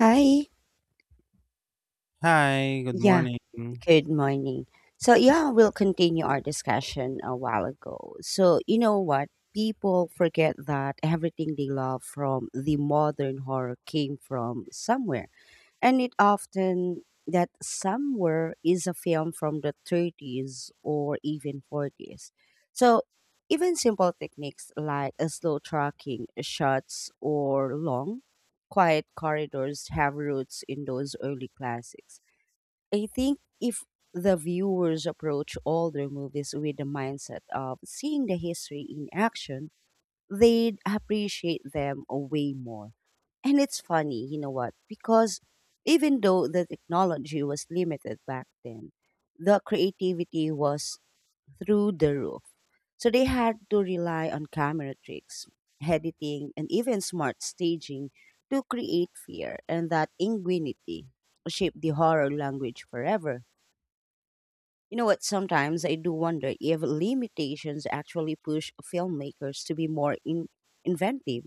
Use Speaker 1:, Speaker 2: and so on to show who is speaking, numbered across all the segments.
Speaker 1: Hi.
Speaker 2: Hi, good
Speaker 1: Yeah.
Speaker 2: morning.
Speaker 1: Good morning. So, yeah, we'll continue our discussion a while ago. So, you know what? People forget that everything they love from the modern horror came from somewhere. And it often that somewhere is a film from the 30s or even 40s. So, even simple techniques like a slow tracking shots or long, quiet corridors have roots in those early classics. I think if the viewers approach all their movies with the mindset of seeing the history in action, they'd appreciate them way more. And it's funny, you know what? Because even though the technology was limited back then, the creativity was through the roof. So they had to rely on camera tricks, editing, and even smart staging to create fear and that ingenuity shaped the horror language forever. You know what? Sometimes I do wonder if limitations actually push filmmakers to be more inventive.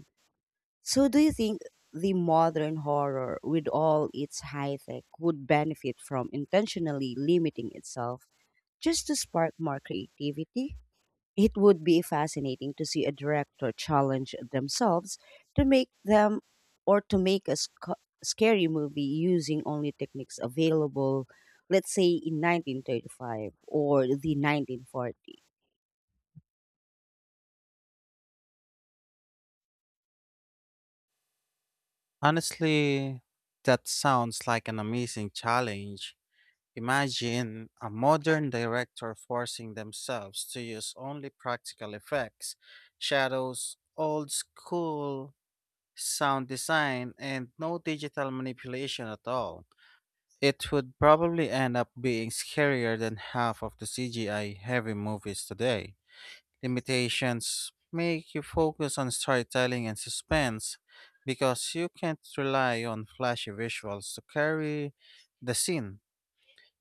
Speaker 1: So, do you think the modern horror, with all its high tech, would benefit from intentionally limiting itself just to spark more creativity? It would be fascinating to see a director challenge themselves to make them or to make a scary movie using only techniques available, let's say in 1935 or the 1940.
Speaker 2: Honestly, that sounds like an amazing challenge. Imagine a modern director forcing themselves to use only practical effects, shadows, old school sound design, and no digital manipulation at all. It would probably end up being scarier than half of the CGI heavy movies today. Limitations make you focus on storytelling and suspense because you can't rely on flashy visuals to carry the scene.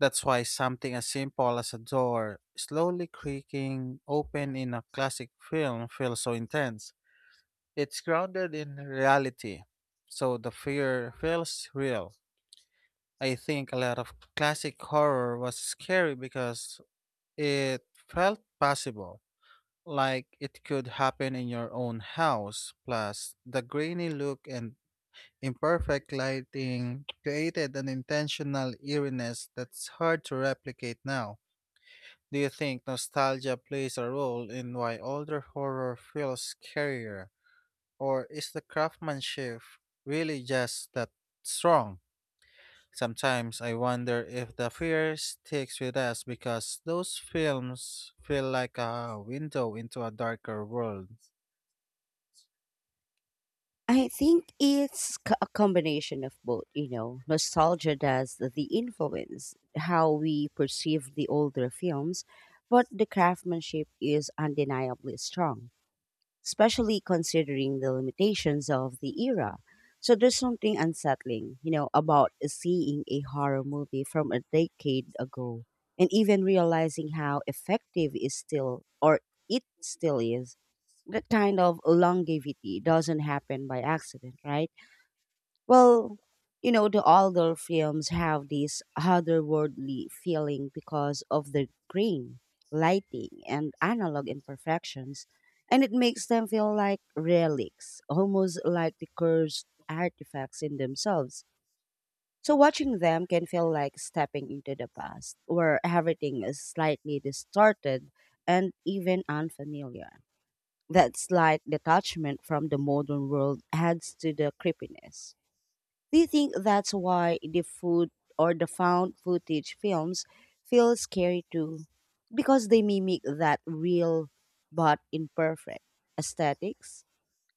Speaker 2: That's why something as simple as a door slowly creaking open in a classic film feels so intense. It's grounded in reality, so the fear feels real. I think a lot of classic horror was scary because it felt possible, like it could happen in your own house. Plus, the grainy look and imperfect lighting created an intentional eeriness that's hard to replicate now. Do you think nostalgia plays a role in why older horror feels scarier? Or is the craftsmanship really just that strong? Sometimes I wonder if the fear sticks with us because those films feel like a window into a darker world.
Speaker 1: I think it's a combination of both, you know. Nostalgia does the influence, how we perceive the older films, but the craftsmanship is undeniably strong especially considering the limitations of the era. So there's something unsettling, you know, about seeing a horror movie from a decade ago and even realizing how effective is still or it still is. That kind of longevity doesn't happen by accident, right? Well, you know, the older films have this otherworldly feeling because of the green, lighting, and analog imperfections, and it makes them feel like relics, almost like the cursed artifacts in themselves. So watching them can feel like stepping into the past, where everything is slightly distorted and even unfamiliar. That slight detachment from the modern world adds to the creepiness. Do you think that's why the food or the found footage films feel scary too? Because they mimic that real but imperfect aesthetics?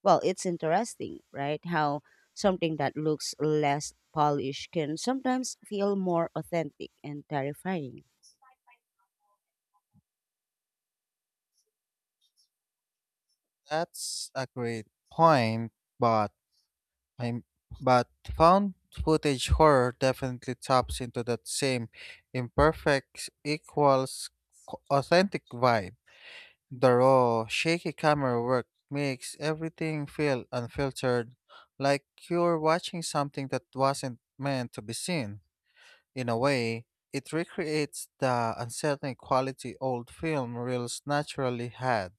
Speaker 1: Well, it's interesting, right? How something that looks less polished can sometimes feel more authentic and terrifying.
Speaker 2: That's a great point, but I'm but found footage horror definitely taps into that same imperfect equals authentic vibe. The raw, shaky camera work makes everything feel unfiltered, like you're watching something that wasn't meant to be seen. In a way, it recreates the unsettling quality old film reels naturally had.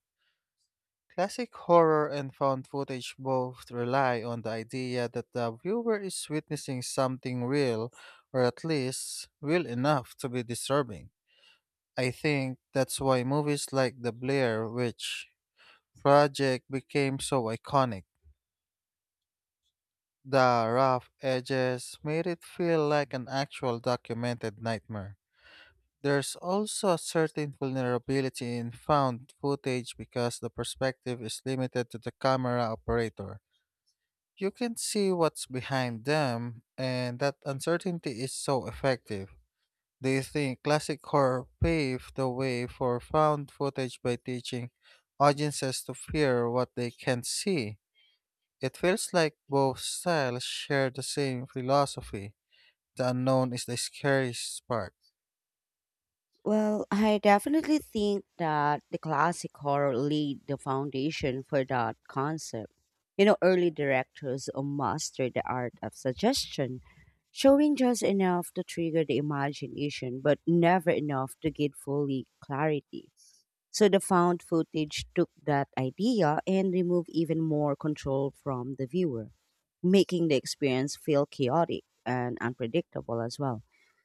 Speaker 2: Classic horror and found footage both rely on the idea that the viewer is witnessing something real, or at least real enough to be disturbing. I think that's why movies like The Blair Witch Project became so iconic. The rough edges made it feel like an actual documented nightmare. There's also a certain vulnerability in found footage because the perspective is limited to the camera operator. You can see what's behind them, and that uncertainty is so effective. Do you think classic horror paved the way for found footage by teaching audiences to fear what they can not see? It feels like both styles share the same philosophy. The unknown is the scariest part.
Speaker 1: Well, I definitely think that the classic horror laid the foundation for that concept. You know, early directors mastered the art of suggestion, showing just enough to trigger the imagination, but never enough to give fully clarity. So the found footage took that idea and removed even more control from the viewer, making the experience feel chaotic and unpredictable as well.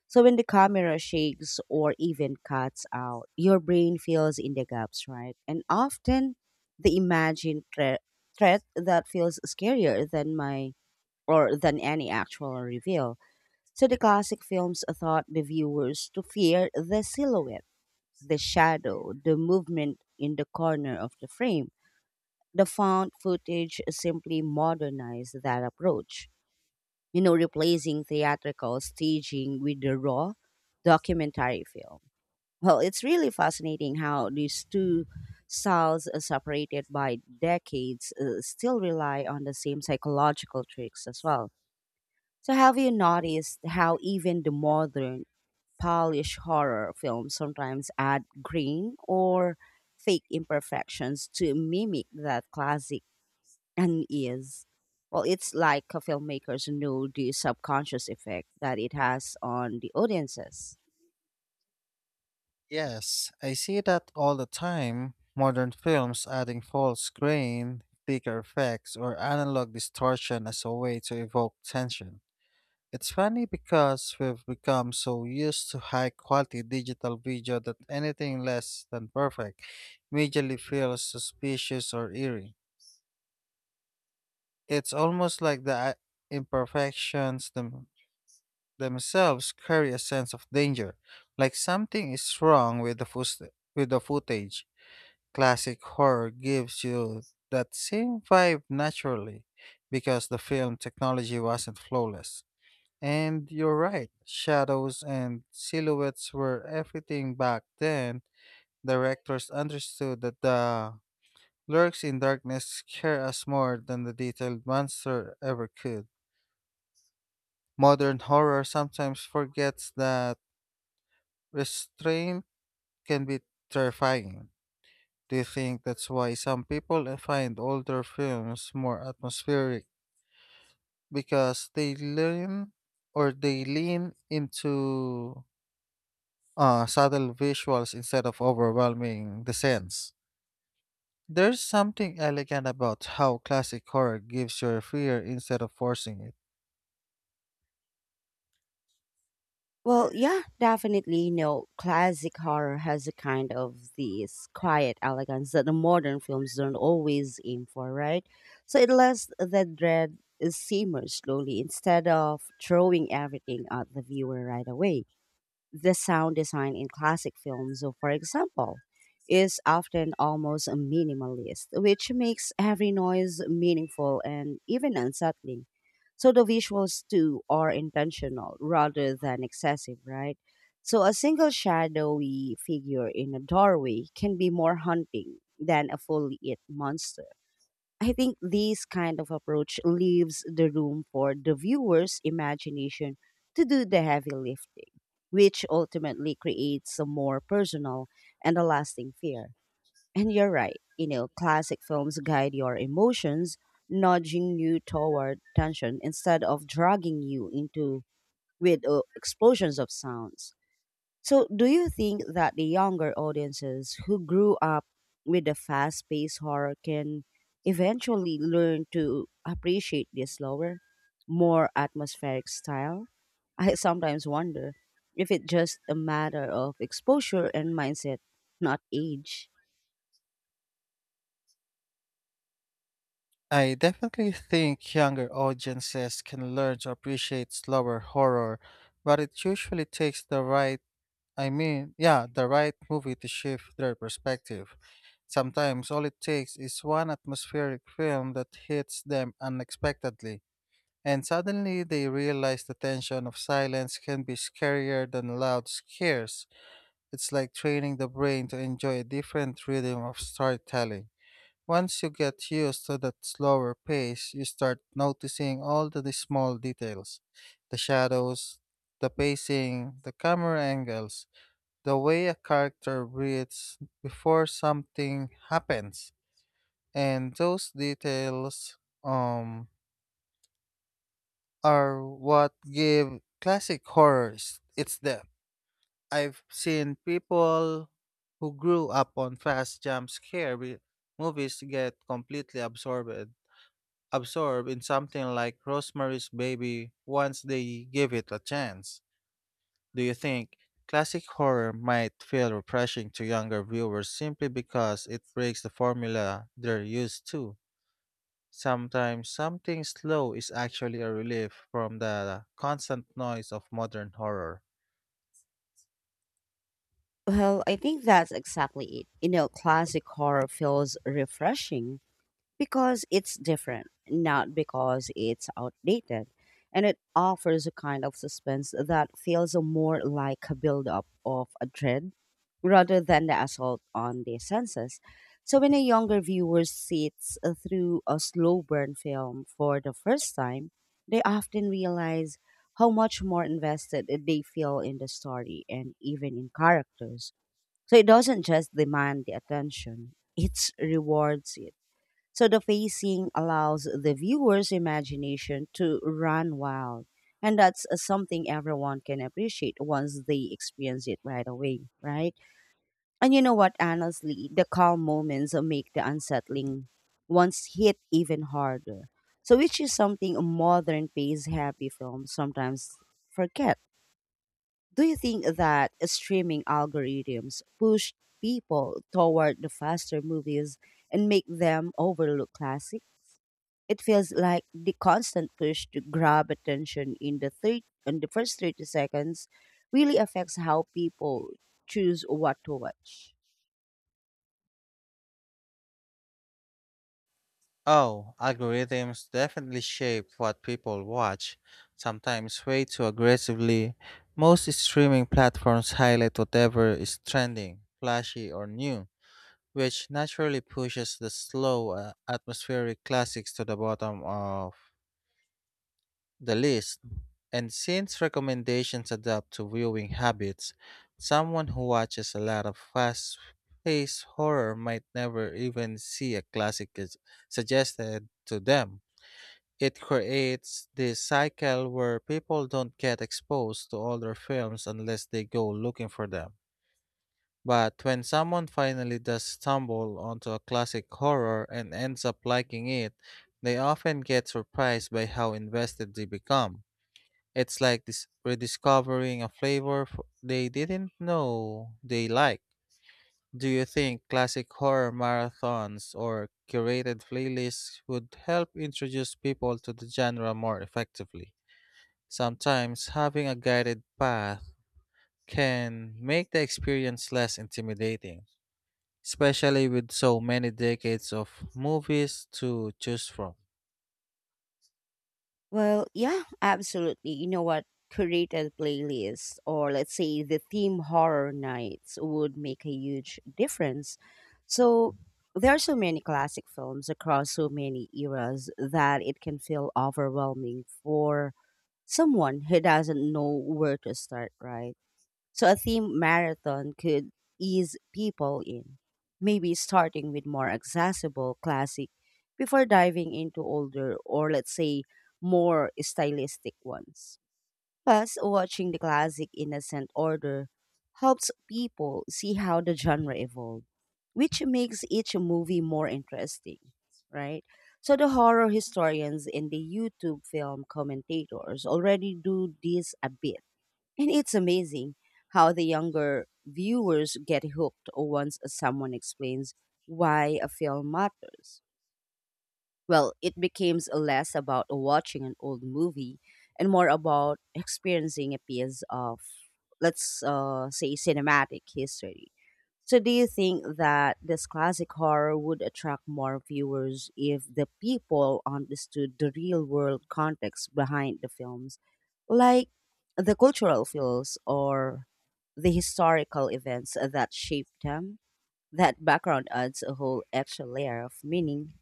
Speaker 1: So when the camera shakes or even cuts out, your brain fills in the gaps, right? And often the imagined threat that feels scarier than my or than any actual reveal. So the classic films taught the viewers to fear the silhouette the shadow, the movement in the corner of the frame. The found footage simply modernized that approach, you know, replacing theatrical staging with the raw documentary film. Well, it's really fascinating how these two styles, separated by decades, still rely on the same psychological tricks as well. So, have you noticed how even the modern Polish horror films sometimes add green or fake imperfections to mimic that classic unease. Well, it's like a filmmakers know the subconscious effect that it has on the audiences.
Speaker 2: Yes, I see that all the time. Modern films adding false grain, thicker effects, or analog distortion as a way to evoke tension. It's funny because we've become so used to high quality digital video that anything less than perfect immediately feels suspicious or eerie. It's almost like the imperfections themselves carry a sense of danger, like something is wrong with the footage. Classic horror gives you that same vibe naturally because the film technology wasn't flawless. And you're right, shadows and silhouettes were everything back then. Directors understood that the lurks in darkness scare us more than the detailed monster ever could. Modern horror sometimes forgets that restraint can be terrifying. Do you think that's why some people find older films more atmospheric? Because they lean or they lean into subtle visuals instead of overwhelming the sense. There's something elegant about how classic horror gives you fear instead of forcing it.
Speaker 1: Well, yeah, definitely. You know, classic horror has a kind of this quiet elegance that the modern films don't always aim for, right? So it lets the dread simmer slowly instead of throwing everything at the viewer right away the sound design in classic films, so for example, is often almost minimalist, which makes every noise meaningful and even unsettling. So the visuals too are intentional rather than excessive, right? So a single shadowy figure in a doorway can be more haunting than a fully lit monster. I think this kind of approach leaves the room for the viewer's imagination to do the heavy lifting, which ultimately creates a more personal and a lasting fear. And you're right, you know, classic films guide your emotions, nudging you toward tension instead of dragging you into with explosions of sounds. So, do you think that the younger audiences who grew up with the fast paced horror can eventually learn to appreciate the slower, more atmospheric style? I sometimes wonder if it's just a matter of exposure and mindset, not age.
Speaker 2: I definitely think younger audiences can learn to appreciate slower horror, but it usually takes the right, I mean, yeah, the right movie to shift their perspective. Sometimes all it takes is one atmospheric film that hits them unexpectedly. And suddenly they realize the tension of silence can be scarier than loud scares. It's like training the brain to enjoy a different rhythm of storytelling. Once you get used to that slower pace, you start noticing all the small details, the shadows, the pacing, the camera angles, the way a character breathes before something happens. And those details, um, are what give classic horrors its depth. I've seen people who grew up on fast jump scare movies get completely absorbed in something like Rosemary's Baby once they give it a chance. Do you think classic horror might feel refreshing to younger viewers simply because it breaks the formula they're used to? Sometimes something slow is actually a relief from the constant noise of modern horror.
Speaker 1: Well, I think that's exactly it. You know, classic horror feels refreshing because it's different, not because it's outdated. And it offers a kind of suspense that feels more like a buildup of a dread rather than the assault on the senses. So when a younger viewer sits through a slow burn film for the first time, they often realize how much more invested they feel in the story and even in characters. So it doesn't just demand the attention, it rewards it so the facing allows the viewer's imagination to run wild. And that's something everyone can appreciate once they experience it right away, right? And you know what? Honestly, the calm moments make the unsettling ones hit even harder. So, which is something modern pace happy films sometimes forget. Do you think that streaming algorithms push people toward the faster movies and make them overlook classics? It feels like the constant push to grab attention in the thir in the first 30 seconds really affects how people choose what to watch.
Speaker 2: Oh, algorithms definitely shape what people watch, sometimes way too aggressively. Most streaming platforms highlight whatever is trending, flashy, or new, which naturally pushes the slow, atmospheric classics to the bottom of the list. And since recommendations adapt to viewing habits, someone who watches a lot of fast paced horror might never even see a classic is suggested to them. It creates this cycle where people don't get exposed to older films unless they go looking for them. But when someone finally does stumble onto a classic horror and ends up liking it, they often get surprised by how invested they become. It's like this rediscovering a flavor they didn't know they liked. Do you think classic horror marathons or curated playlists would help introduce people to the genre more effectively? Sometimes having a guided path can make the experience less intimidating, especially with so many decades of movies to choose from.
Speaker 1: Well, yeah, absolutely. You know what? Curated playlists or let's say the theme horror nights would make a huge difference. So there are so many classic films across so many eras that it can feel overwhelming for someone who doesn't know where to start, right? So a theme marathon could ease people in, maybe starting with more accessible classic before diving into older or let's say more stylistic ones. Plus, watching the classic in ascent order helps people see how the genre evolved, which makes each movie more interesting, right? So the horror historians and the YouTube film commentators already do this a bit and it's amazing how the younger viewers get hooked once someone explains why a film matters. Well, it becomes less about watching an old movie and more about experiencing a piece of, let's say, cinematic history. So, do you think that this classic horror would attract more viewers if the people understood the real world context behind the films, like the cultural feels or the historical events that shaped them? That background adds a whole extra layer of meaning.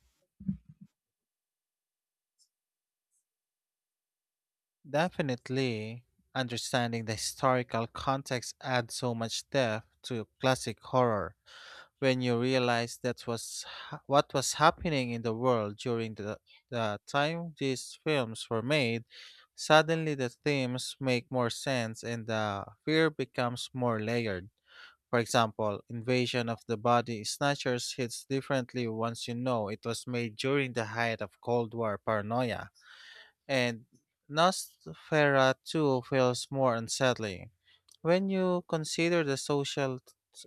Speaker 2: Definitely, understanding the historical context adds so much depth to classic horror. When you realize what was happening in the world during the time these films were made, suddenly the themes make more sense and the fear becomes more layered. For example, Invasion of the Body Snatchers hits differently once you know it was made during the height of Cold War paranoia. And Nosferatu feels more unsettling. When you consider the social,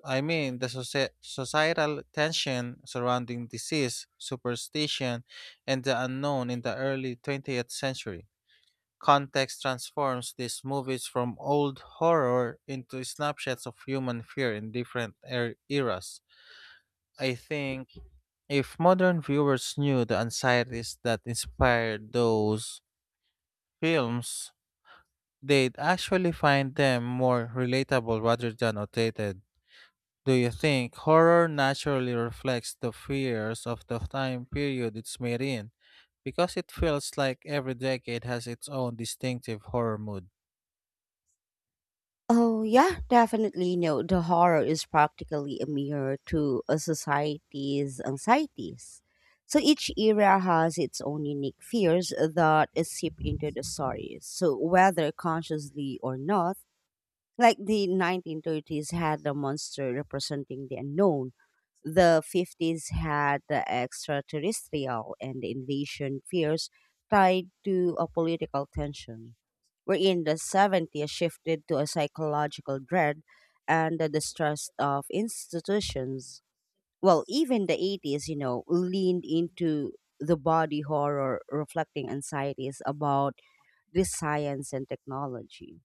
Speaker 2: I mean, the societal tension surrounding disease, superstition, and the unknown in the early 20th century, context transforms these movies from old horror into snapshots of human fear in different eras. I think if modern viewers knew the anxieties that inspired those films, they'd actually find them more relatable rather than outdated. Do you think horror naturally reflects the fears of the time period it's made in? Because it feels like every decade has its own distinctive horror mood.
Speaker 1: Oh, yeah, definitely. No, the horror is practically a mirror to a society's anxieties. So each era has its own unique fears that seep into the stories. So whether consciously or not, like the 1930s had the monster representing the unknown, the 50s had the extraterrestrial and the invasion fears tied to a political tension. Wherein the 70s shifted to a psychological dread and the distrust of institutions. Well, even the 80s, you know, leaned into the body horror, reflecting anxieties about this science and technology.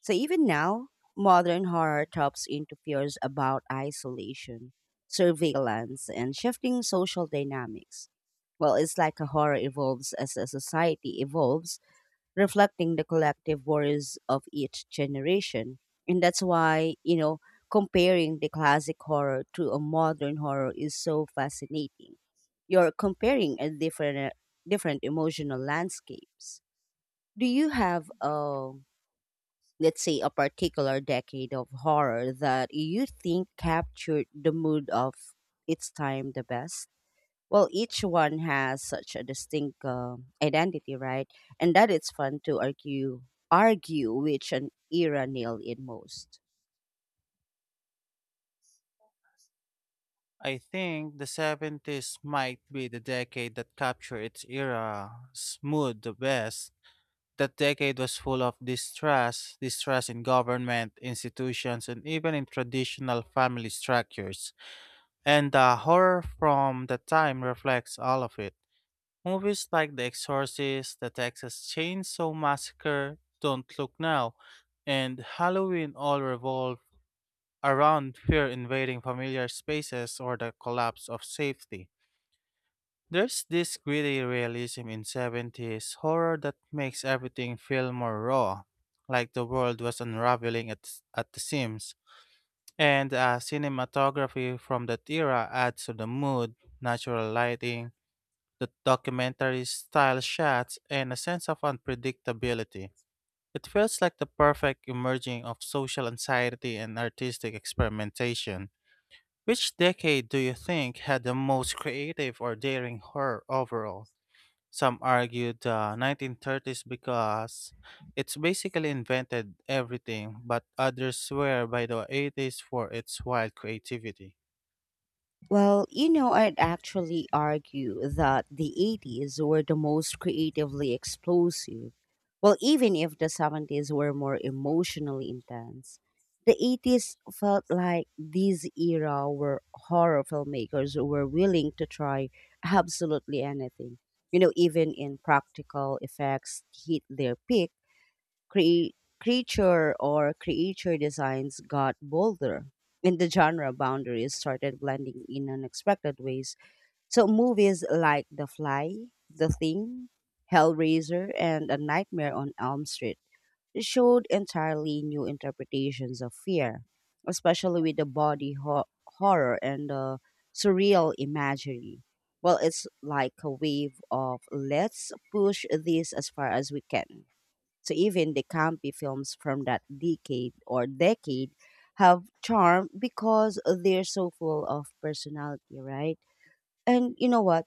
Speaker 1: So even now, modern horror taps into fears about isolation, surveillance, and shifting social dynamics. Well, it's like a horror evolves as a society evolves, reflecting the collective worries of each generation. And that's why, you know, comparing the classic horror to a modern horror is so fascinating. You're comparing a different emotional landscapes. Do you have a let's say a particular decade of horror that you think captured the mood of its time the best well each one has such a distinct identity right and that it's fun to argue which an era nailed it most.
Speaker 2: I think the 70s might be the decade that captured its era's mood the best. That decade was full of distrust in government, institutions, and even in traditional family structures. And the horror from the time reflects all of it. Movies like The Exorcist, The Texas Chainsaw Massacre, Don't Look Now, and Halloween all revolve around fear invading familiar spaces or the collapse of safety. There's this gritty realism in 70s horror that makes everything feel more raw, like the world was unraveling at the seams. And cinematography from that era adds to the mood, natural lighting, the documentary style shots, and a sense of unpredictability. It feels like the perfect emerging of social anxiety and artistic experimentation. Which decade do you think had the most creative or daring horror overall? Some argue the 1930s because it's basically invented everything, but others swear by the 80s for its wild creativity.
Speaker 1: Well, you know, I'd actually argue that the 80s were the most creatively explosive. Well, even if the 70s were more emotionally intense, the 80s felt like this era where horror filmmakers were willing to try absolutely anything. You know, even in practical effects hit their peak Cre- creature or creature designs got bolder, and the genre boundaries started blending in unexpected ways. So movies like The Fly, The Thing, Hellraiser, and A Nightmare on Elm Street showed entirely new interpretations of fear, especially with the body horror and the surreal imagery. Well, it's like a wave of let's push this as far as we can so even the campy films from that decade have charm because they're so full of personality, right? And you know what?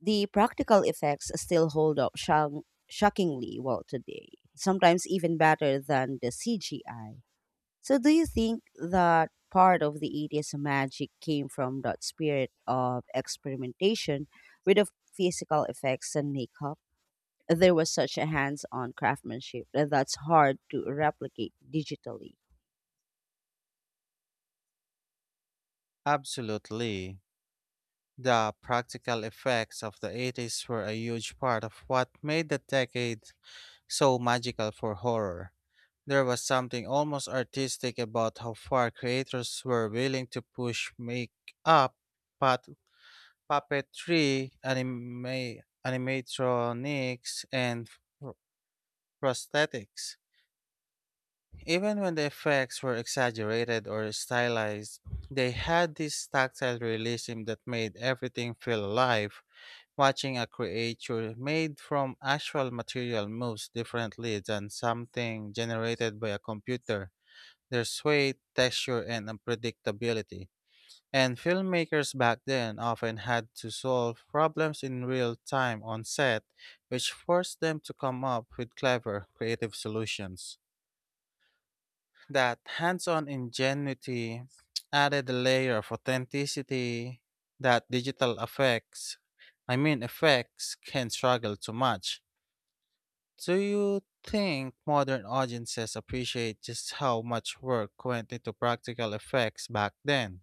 Speaker 1: The practical effects still hold up shockingly well today, sometimes even better than the CGI. So do you think that part of the 80s magic came from that spirit of experimentation with the physical effects and makeup? There was such a hands on craftsmanship that that's hard to replicate digitally.
Speaker 2: Absolutely. The practical effects of the 80s were a huge part of what made the decade so magical for horror. There was something almost artistic about how far creators were willing to push make up but. Puppetry, anime, animatronics, and pr- prosthetics. Even when the effects were exaggerated or stylized, they had this tactile realism that made everything feel alive. Watching a creature made from actual material moves differently than something generated by a computer. There's weight, texture, and unpredictability. And filmmakers back then often had to solve problems in real time on set, which forced them to come up with clever, creative solutions. That hands on ingenuity added a layer of authenticity that digital effects, I mean, effects, can struggle to match. Do you think modern audiences appreciate just how much work went into practical effects back then?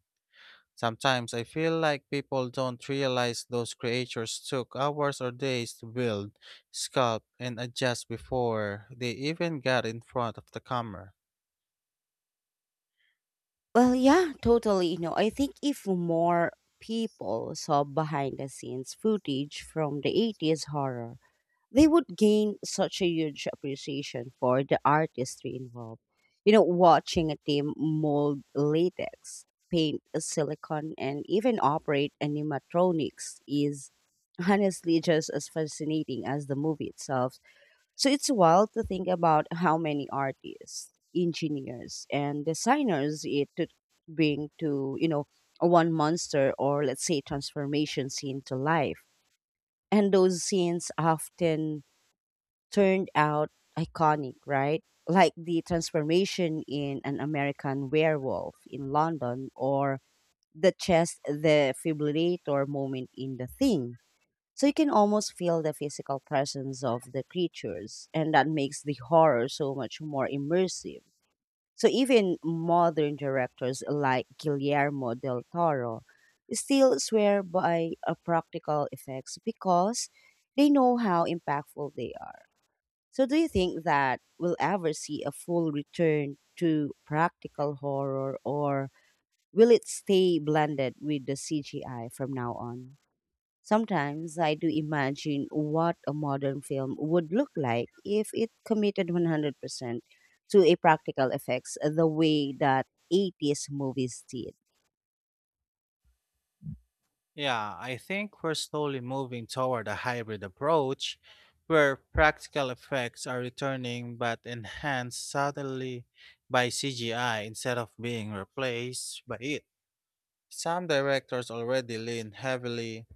Speaker 2: Sometimes I feel like people don't realize those creatures took hours or days to build, sculpt, and adjust before they even got in front of the camera.
Speaker 1: Well, yeah, totally. No, I think if more people saw behind the scenes footage from the 80s horror, they would gain such a huge appreciation for the artistry involved. You know, watching a team mold latex, paint silicone, and even operate animatronics is honestly just as fascinating as the movie itself. So it's wild to think about how many artists, engineers, and designers it could bring to, you know, one monster or let's say transformation scene to life. And those scenes often turned out iconic, right? Like the transformation in An American Werewolf in London or the chest defibrillator moment in The Thing. So you can almost feel the physical presence of the creatures, and that makes the horror so much more immersive. So even modern directors like Guillermo del Toro still swear by practical effects because they know how impactful they are. So do you think that we'll ever see a full return to practical horror or will it stay blended with the CGI from now on? Sometimes I do imagine what a modern film would look like if it committed 100% to a practical effects the way that 80s movies did.
Speaker 2: Yeah, I think we're slowly moving toward a hybrid approach where practical effects are returning but enhanced subtly by CGI instead of being replaced by it. Some directors already lean heavily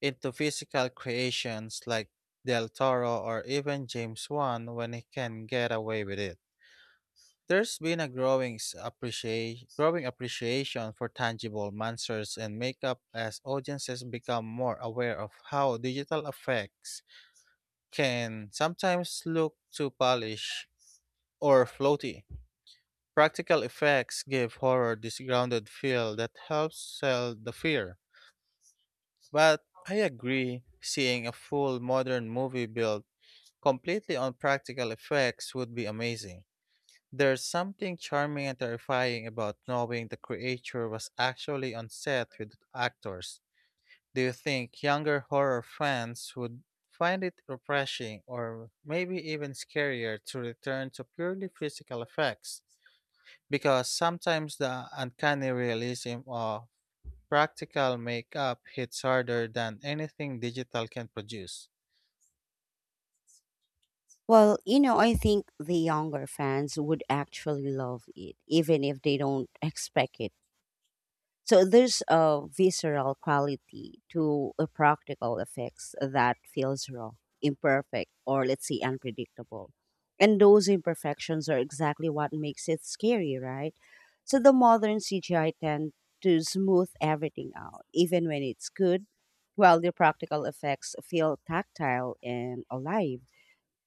Speaker 2: into physical creations like Del Toro or even James Wan when he can get away with it. There's been a growing appreciation for tangible monsters and makeup as audiences become more aware of how digital effects can sometimes look too polished or floaty. Practical effects give horror this grounded feel that helps sell the fear. But I agree, seeing a full modern movie built completely on practical effects would be amazing. There's something charming and terrifying about knowing the creature was actually on set with actors. Do you think younger horror fans would find it refreshing or maybe even scarier to return to purely physical effects? Because sometimes the uncanny realism of practical makeup hits harder than anything digital can produce.
Speaker 1: Well, you know, I think the younger fans would actually love it, even if they don't expect it. So there's a visceral quality to a practical effects that feels raw, imperfect, or let's say unpredictable. And those imperfections are exactly what makes it scary, right? So the modern CGI tend to smooth everything out, even when it's good, while the practical effects feel tactile and alive.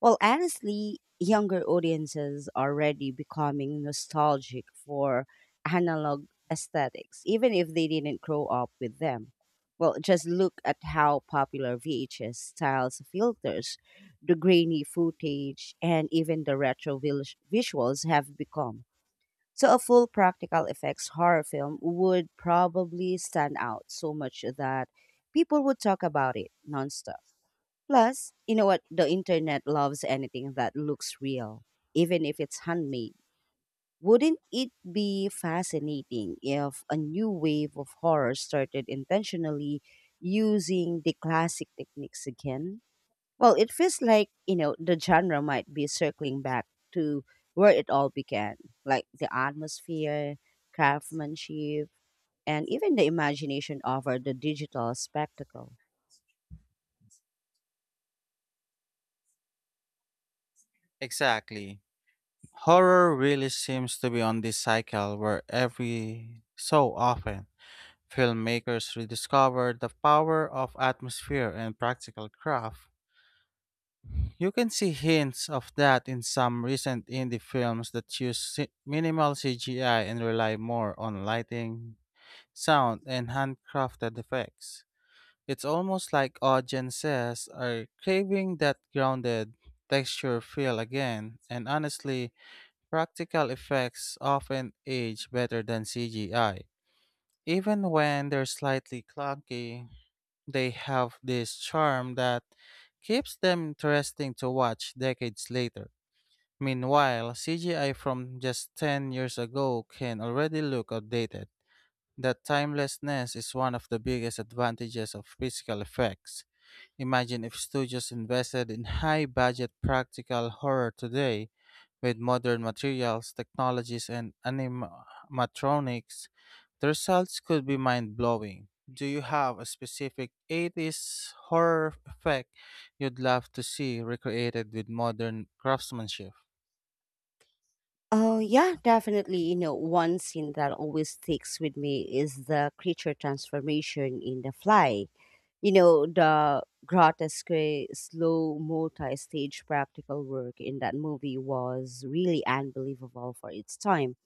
Speaker 1: Well, honestly, younger audiences are already becoming nostalgic for analog aesthetics, even if they didn't grow up with them. Well, just look at how popular VHS styles filters, the grainy footage, and even the visuals have become. So, a full practical effects horror film would probably stand out so much that people would talk about it nonstop. Plus, you know what? The internet loves anything that looks real, even if it's handmade. Wouldn't it be fascinating if a new wave of horror started intentionally using the classic techniques again? Well, it feels like, you know, the genre might be circling back to where it all began, like the atmosphere, craftsmanship, and even the imagination over the digital spectacle.
Speaker 2: Exactly. Horror really seems to be on this cycle where every so often filmmakers rediscover the power of atmosphere and practical craft. You can see hints of that in some recent indie films that use minimal CGI and rely more on lighting, sound, and handcrafted effects. It's almost like audiences are craving that grounded texture feel again, and honestly, practical effects often age better than CGI. Even when they're slightly clunky, they have this charm that keeps them interesting to watch decades later. Meanwhile, CGI from just 10 years ago can already look outdated. That timelessness is one of the biggest advantages of physical effects. Imagine if studios invested in high budget practical horror today with modern materials, technologies, and animatronics. The results could be mind blowing. Do you have a specific 80s horror effect you'd love to see recreated with modern craftsmanship?
Speaker 1: Oh, yeah, definitely. You know, one scene that always sticks with me is the creature transformation in The Fly. You know, the grotesque, slow, multi stage practical work in that movie was really unbelievable for its time.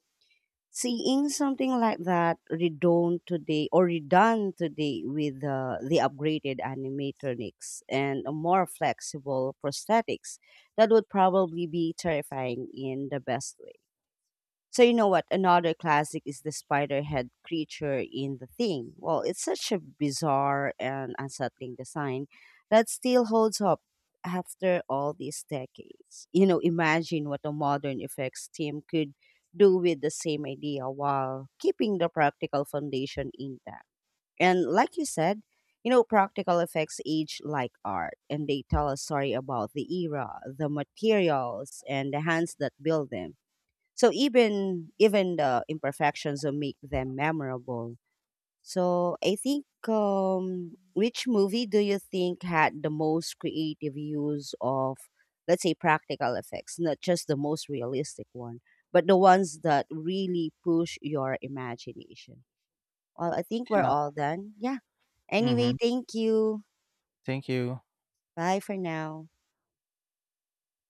Speaker 1: Seeing something like that redone today or redone today with the upgraded animatronics and a more flexible prosthetics, that would probably be terrifying in the best way. So you know what? Another classic is the spider head creature in The Thing. Well, it's such a bizarre and unsettling design that still holds up after all these decades. You know, imagine what a modern effects team could do with the same idea while keeping the practical foundation intact. And like you said, you know, practical effects age like art and they tell a story about the era, the materials, and the hands that build them, so even the imperfections will make them memorable. So I think which movie do you think had the most creative use of, let's say, practical effects, not just the most realistic one, but the ones that really push your imagination. Well, I think we're
Speaker 2: Yeah.
Speaker 1: all done. Yeah.
Speaker 2: Mm-hmm.
Speaker 1: Anyway, thank you.
Speaker 2: Thank you.
Speaker 1: Bye for now.